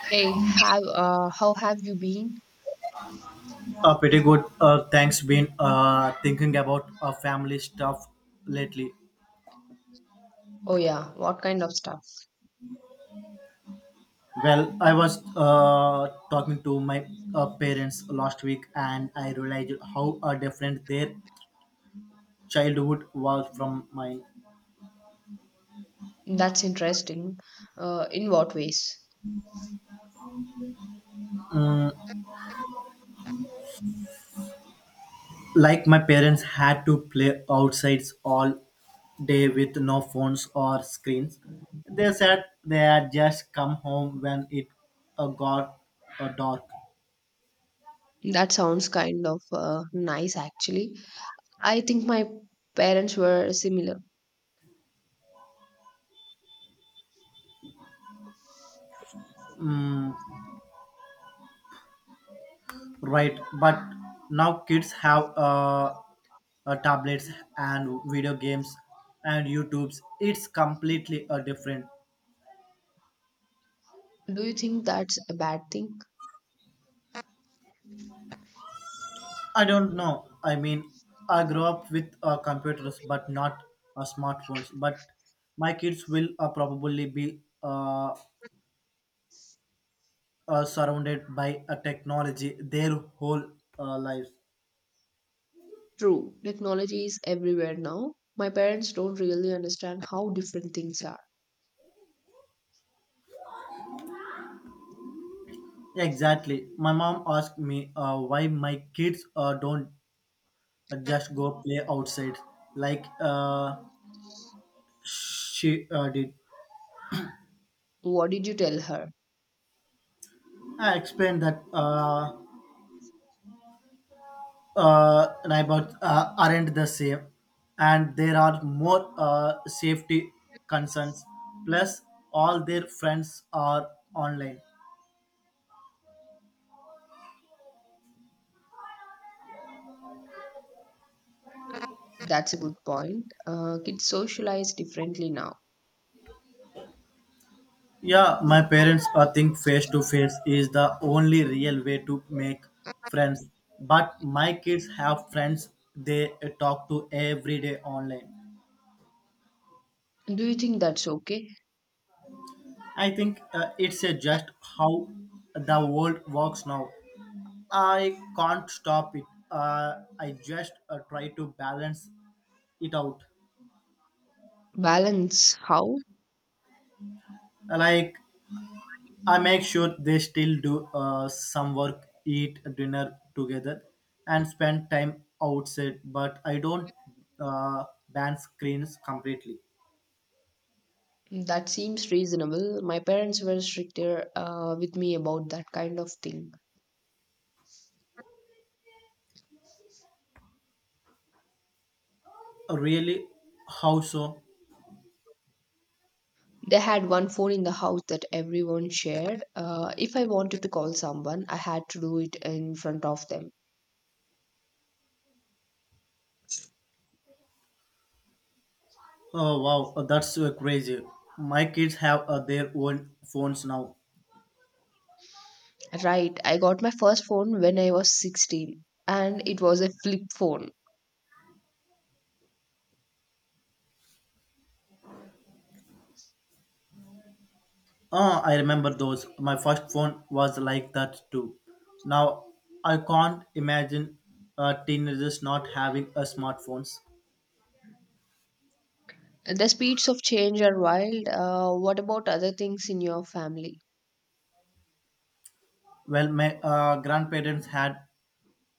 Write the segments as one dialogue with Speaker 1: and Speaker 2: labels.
Speaker 1: Hey, have how have you been?
Speaker 2: Pretty good. Thanks. Been thinking about family stuff lately.
Speaker 1: Oh yeah, what kind of stuff?
Speaker 2: Well, I was talking to my parents last week, and I realized how different their childhood was from mine.
Speaker 1: That's interesting. In what ways?
Speaker 2: Mm, like my parents had to play outside all day with no phones or screens. They said they had just come home when it got dark.
Speaker 1: That sounds kind of nice actually. I think my parents were similar.
Speaker 2: Mm, right, but now kids have tablets and video games and YouTubes. It's completely different.
Speaker 1: Do you think that's a bad thing?
Speaker 2: I don't know. I mean, I grew up with computers, but not smartphones. But my kids will probably be surrounded by a technology their whole lives.
Speaker 1: True, technology is everywhere now. My parents don't really understand how different things are.
Speaker 2: Exactly. My mom asked me why my kids don't just go play outside, like. She did.
Speaker 1: What did you tell her?
Speaker 2: I explained that neighbors aren't the same, and there are more safety concerns. Plus, all their friends are online.
Speaker 1: That's a good point. Kids socialize differently now.
Speaker 2: Yeah, my parents think face to face is the only real way to make friends. But my kids have friends they talk to every day online.
Speaker 1: Do you think that's okay?
Speaker 2: I think it's just how the world works now. I can't stop it. I just try to balance it out.
Speaker 1: Balance how?
Speaker 2: Like, I make sure they still do some work, eat dinner together, and spend time outside, but I don't ban screens completely.
Speaker 1: That seems reasonable. My parents were stricter with me about that kind of thing.
Speaker 2: Really? How so?
Speaker 1: They had one phone in the house that everyone shared. If I wanted to call someone, I had to do it in front of them.
Speaker 2: Oh, wow, that's crazy. My kids have their own phones now.
Speaker 1: Right, I got my first phone when I was 16, and it was a flip phone.
Speaker 2: Oh, I remember those. My first phone was like that too. Now, I can't imagine teenagers not having a smartphones.
Speaker 1: The speeds of change are wild. What about other things in your family?
Speaker 2: Well, my grandparents had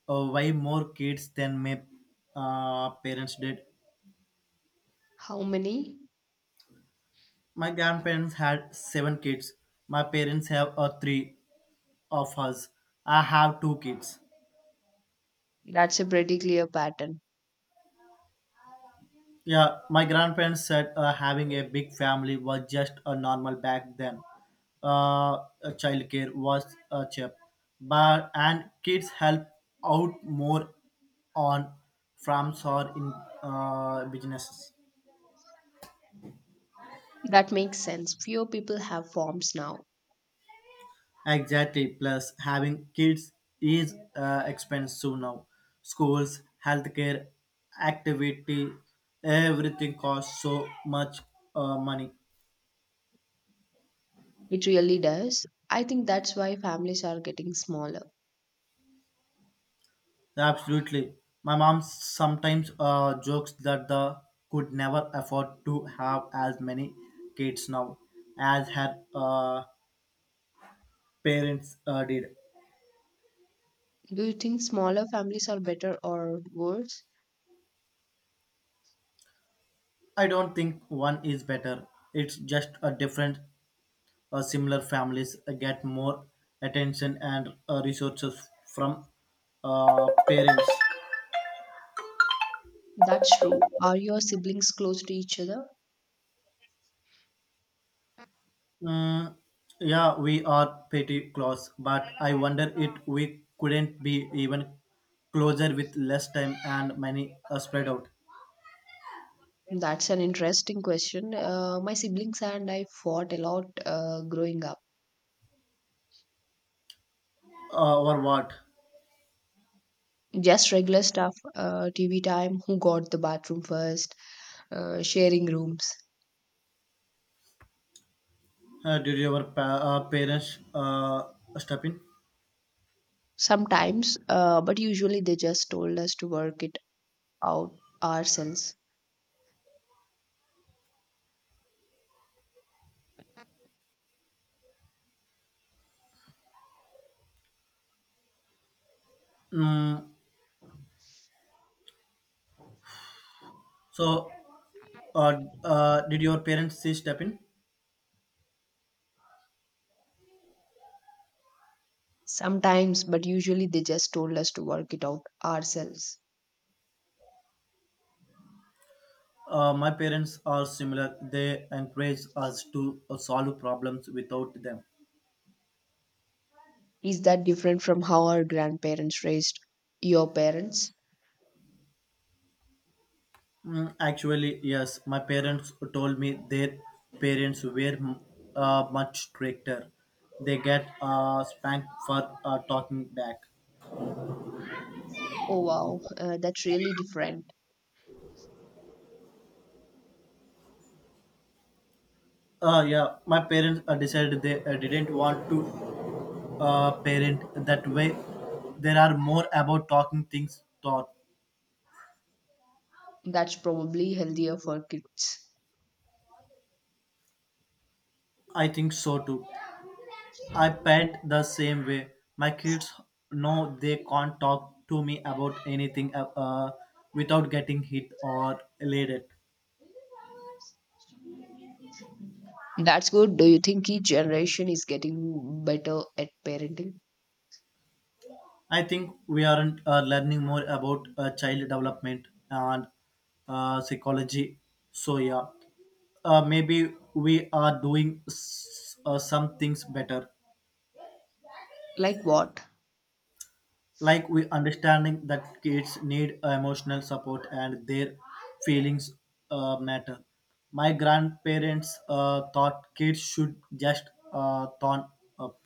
Speaker 2: way more kids than my parents did.
Speaker 1: How many?
Speaker 2: My grandparents had seven kids. My parents have three of us. I have two kids.
Speaker 1: That's a pretty clear pattern.
Speaker 2: Yeah, my grandparents said having a big family was just a normal back then. Uh, uh, Childcare was cheap, but and kids help out more on farms or in businesses.
Speaker 1: That makes sense. Fewer people have forms now.
Speaker 2: Exactly. Plus, having kids is expensive now. Schools, healthcare, activity, everything costs so much money.
Speaker 1: It really does. I think that's why families are getting smaller.
Speaker 2: Absolutely. My mom sometimes jokes that the could never afford to have as many kids now as her parents did.
Speaker 1: Do you think smaller families are better or worse?
Speaker 2: I don't think one is better. It's just a different, similar families get more attention and resources from parents.
Speaker 1: That's true. Are your siblings close to each other?
Speaker 2: Mm, yeah, we are pretty close, but I wonder if we couldn't be even closer with less time and money spread out.
Speaker 1: That's an interesting question. My siblings and I fought a lot growing up.
Speaker 2: Or what?
Speaker 1: Just regular stuff, TV time, who got the bathroom first, sharing rooms.
Speaker 2: Did your parents step in?
Speaker 1: Sometimes, but usually they just told us to work it out ourselves.
Speaker 2: Mm, so, uh, did your parents see step in?
Speaker 1: Sometimes, but usually they just told us to work it out ourselves.
Speaker 2: My parents are similar. They encourage us to solve problems without them.
Speaker 1: Is that different from how our grandparents raised your parents?
Speaker 2: Actually, yes, my parents told me their parents were much stricter. They get spanked for talking back.
Speaker 1: Oh wow, that's really different.
Speaker 2: Yeah, my parents decided they didn't want to parent that way. There are more about talking things thought.
Speaker 1: That's probably healthier for kids.
Speaker 2: I think so too. I parent the same way. My kids know they can't talk to me about anything without getting hit or laid at.
Speaker 1: That's good. Do you think each generation is getting better at parenting?
Speaker 2: I think we aren't learning more about child development and psychology. So yeah, maybe we are doing some things better,
Speaker 1: Like what?
Speaker 2: like we understanding that kids need emotional support and their feelings matter. My grandparents thought kids should just turn up.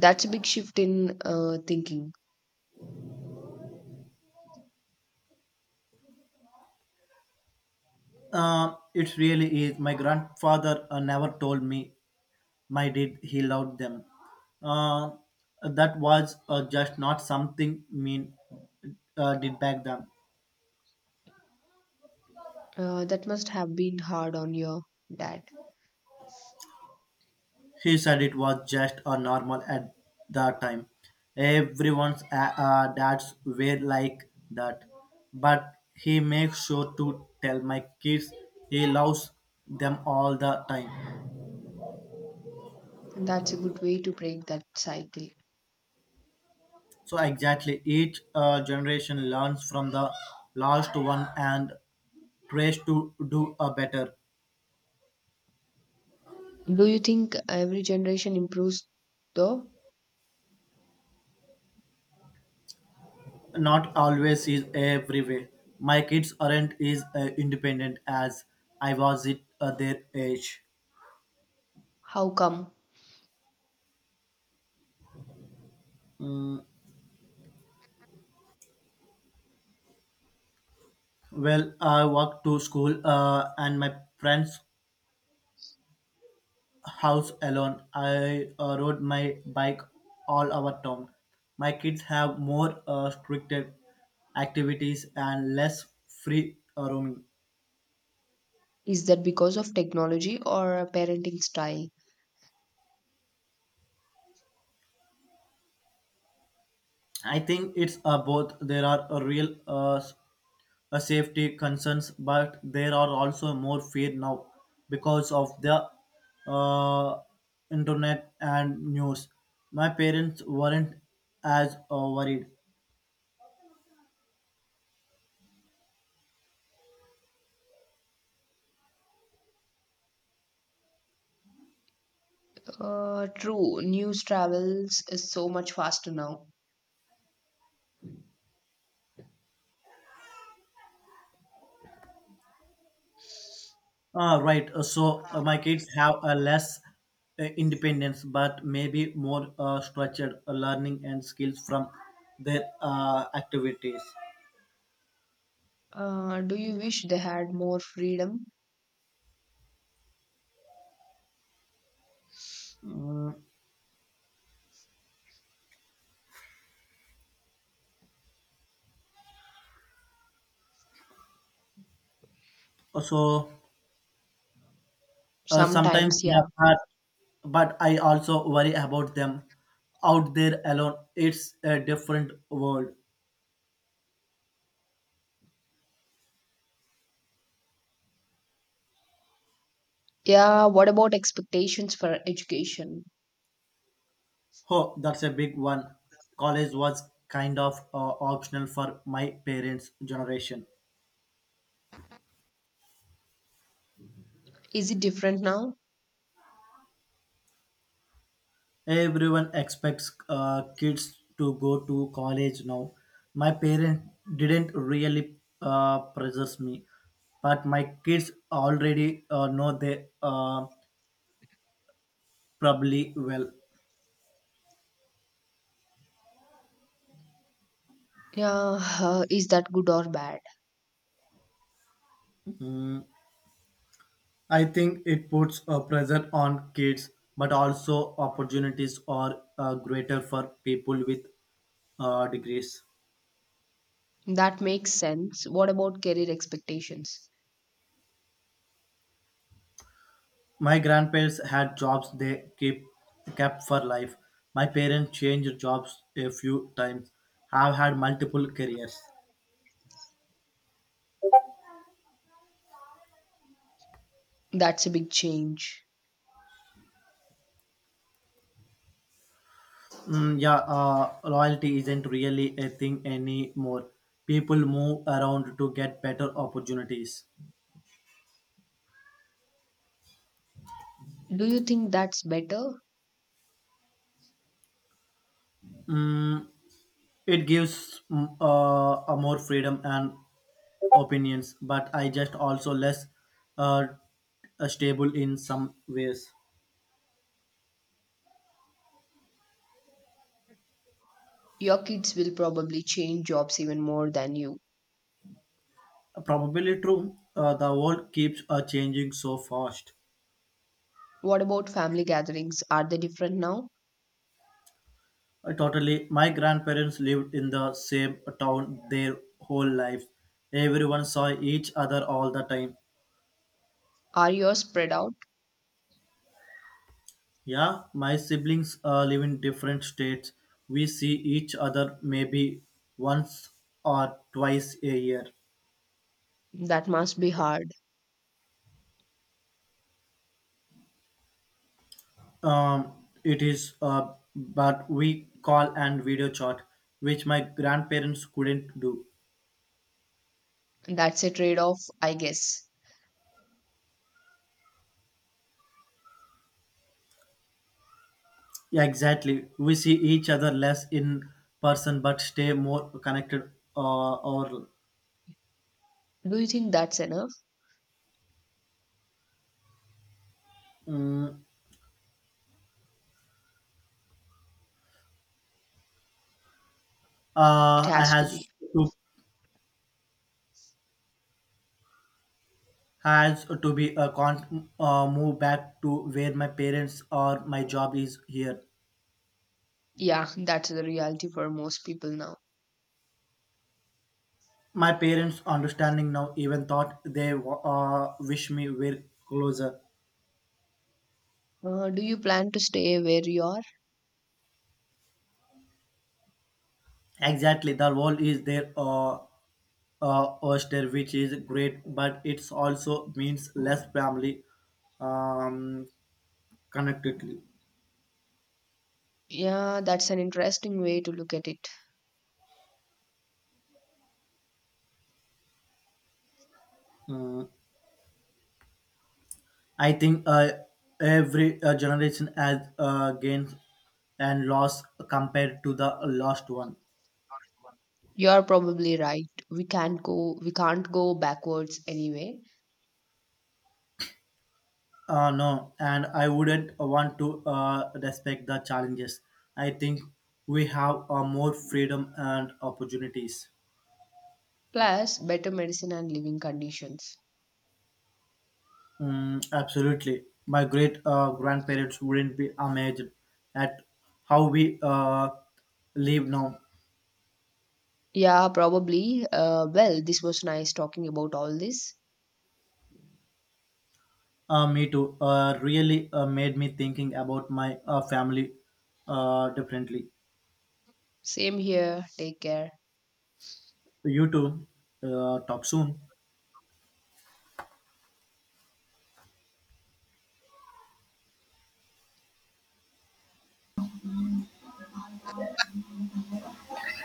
Speaker 1: That's a big shift in thinking.
Speaker 2: It really is. My grandfather never told me my did he loved them, uh, that was just not something mean did back then.
Speaker 1: That must have been hard on your dad.
Speaker 2: He said it was just a normal at the time. Everyone's dads were like that, but he makes sure to tell my kids he loves them all the time.
Speaker 1: That's a good way to break that cycle.
Speaker 2: So exactly, each generation learns from the last one and tries to do a better.
Speaker 1: Do you think every generation improves though?
Speaker 2: Not always is every way. My kids aren't as independent as I was at their age.
Speaker 1: How come?
Speaker 2: Mm, well, I walked to school and my friend's house alone. I rode my bike all over town. My kids have more restricted activities and less free roaming.
Speaker 1: Is that because of technology or a parenting style?
Speaker 2: I think it's both. There are a real safety concerns, but there are also more fear now because of the uh, internet and news. My parents weren't as worried.
Speaker 1: True, news travels is so much faster now.
Speaker 2: Ah, right. So, my kids have a less independence, but maybe more structured learning and skills from their activities.
Speaker 1: Do you wish they had more freedom?
Speaker 2: Mm, so Sometimes,
Speaker 1: Sometimes,
Speaker 2: yeah,
Speaker 1: yeah.
Speaker 2: but I also worry about them out there alone. It's a different world.
Speaker 1: Yeah, what about expectations for education?
Speaker 2: Oh, that's a big one. College was kind of optional for my parents' generation.
Speaker 1: Is it different now?
Speaker 2: Everyone expects kids to go to college now. My parents didn't really pressure me, but my kids already know they probably well.
Speaker 1: Yeah, is that good or bad?
Speaker 2: I think it puts a pressure on kids, but also opportunities are greater for people with degrees.
Speaker 1: That makes sense. What about career expectations?
Speaker 2: My grandparents had jobs they keep kept for life. My parents changed jobs a few times. Have had multiple careers.
Speaker 1: That's a big change.
Speaker 2: Mm, yeah, loyalty isn't really a thing anymore. People move around to get better opportunities.
Speaker 1: Do you think that's better?
Speaker 2: Mm, It gives a more freedom and opinions, but I just also less uh, stable in some ways.
Speaker 1: Your kids will probably change jobs even more than you.
Speaker 2: Probably true. The world keeps changing so fast.
Speaker 1: What about family gatherings? Are they different now?
Speaker 2: Totally. My grandparents lived in the same town their whole lives. Everyone saw each other all the time.
Speaker 1: Are yours spread out?
Speaker 2: Yeah, my siblings live in different states. We see each other maybe once or twice a year.
Speaker 1: That must be hard.
Speaker 2: Um, it is, but we call and video chat, which my grandparents couldn't do.
Speaker 1: That's a trade off, I guess.
Speaker 2: Yeah, exactly. We see each other less in person, but stay more connected. Or
Speaker 1: Do you think that's enough?
Speaker 2: mm
Speaker 1: It
Speaker 2: I
Speaker 1: has to be.
Speaker 2: to has to be a con move back to where my parents or my job is here.
Speaker 1: Yeah, that's the reality for most people now.
Speaker 2: My parents understanding now even thought they wish me were closer.
Speaker 1: Do you plan to stay where you are?
Speaker 2: Exactly, the world is there. Oyster, which is great, but it's also means less family um, connectedly.
Speaker 1: Yeah, that's an interesting way to look at it.
Speaker 2: Uh, I think every generation has gains and loss compared to the last one.
Speaker 1: You're probably right. We can't go backwards anyway.
Speaker 2: No, and I wouldn't want to respect the challenges. I think we have more freedom and opportunities.
Speaker 1: Plus better medicine and living conditions.
Speaker 2: Mm, absolutely. My great grandparents wouldn't be amazed at how we live now.
Speaker 1: Yeah, probably. Well, this was nice talking about all this.
Speaker 2: Me too. Really made me thinking about my family differently.
Speaker 1: Same here. Take care.
Speaker 2: You too. Talk soon.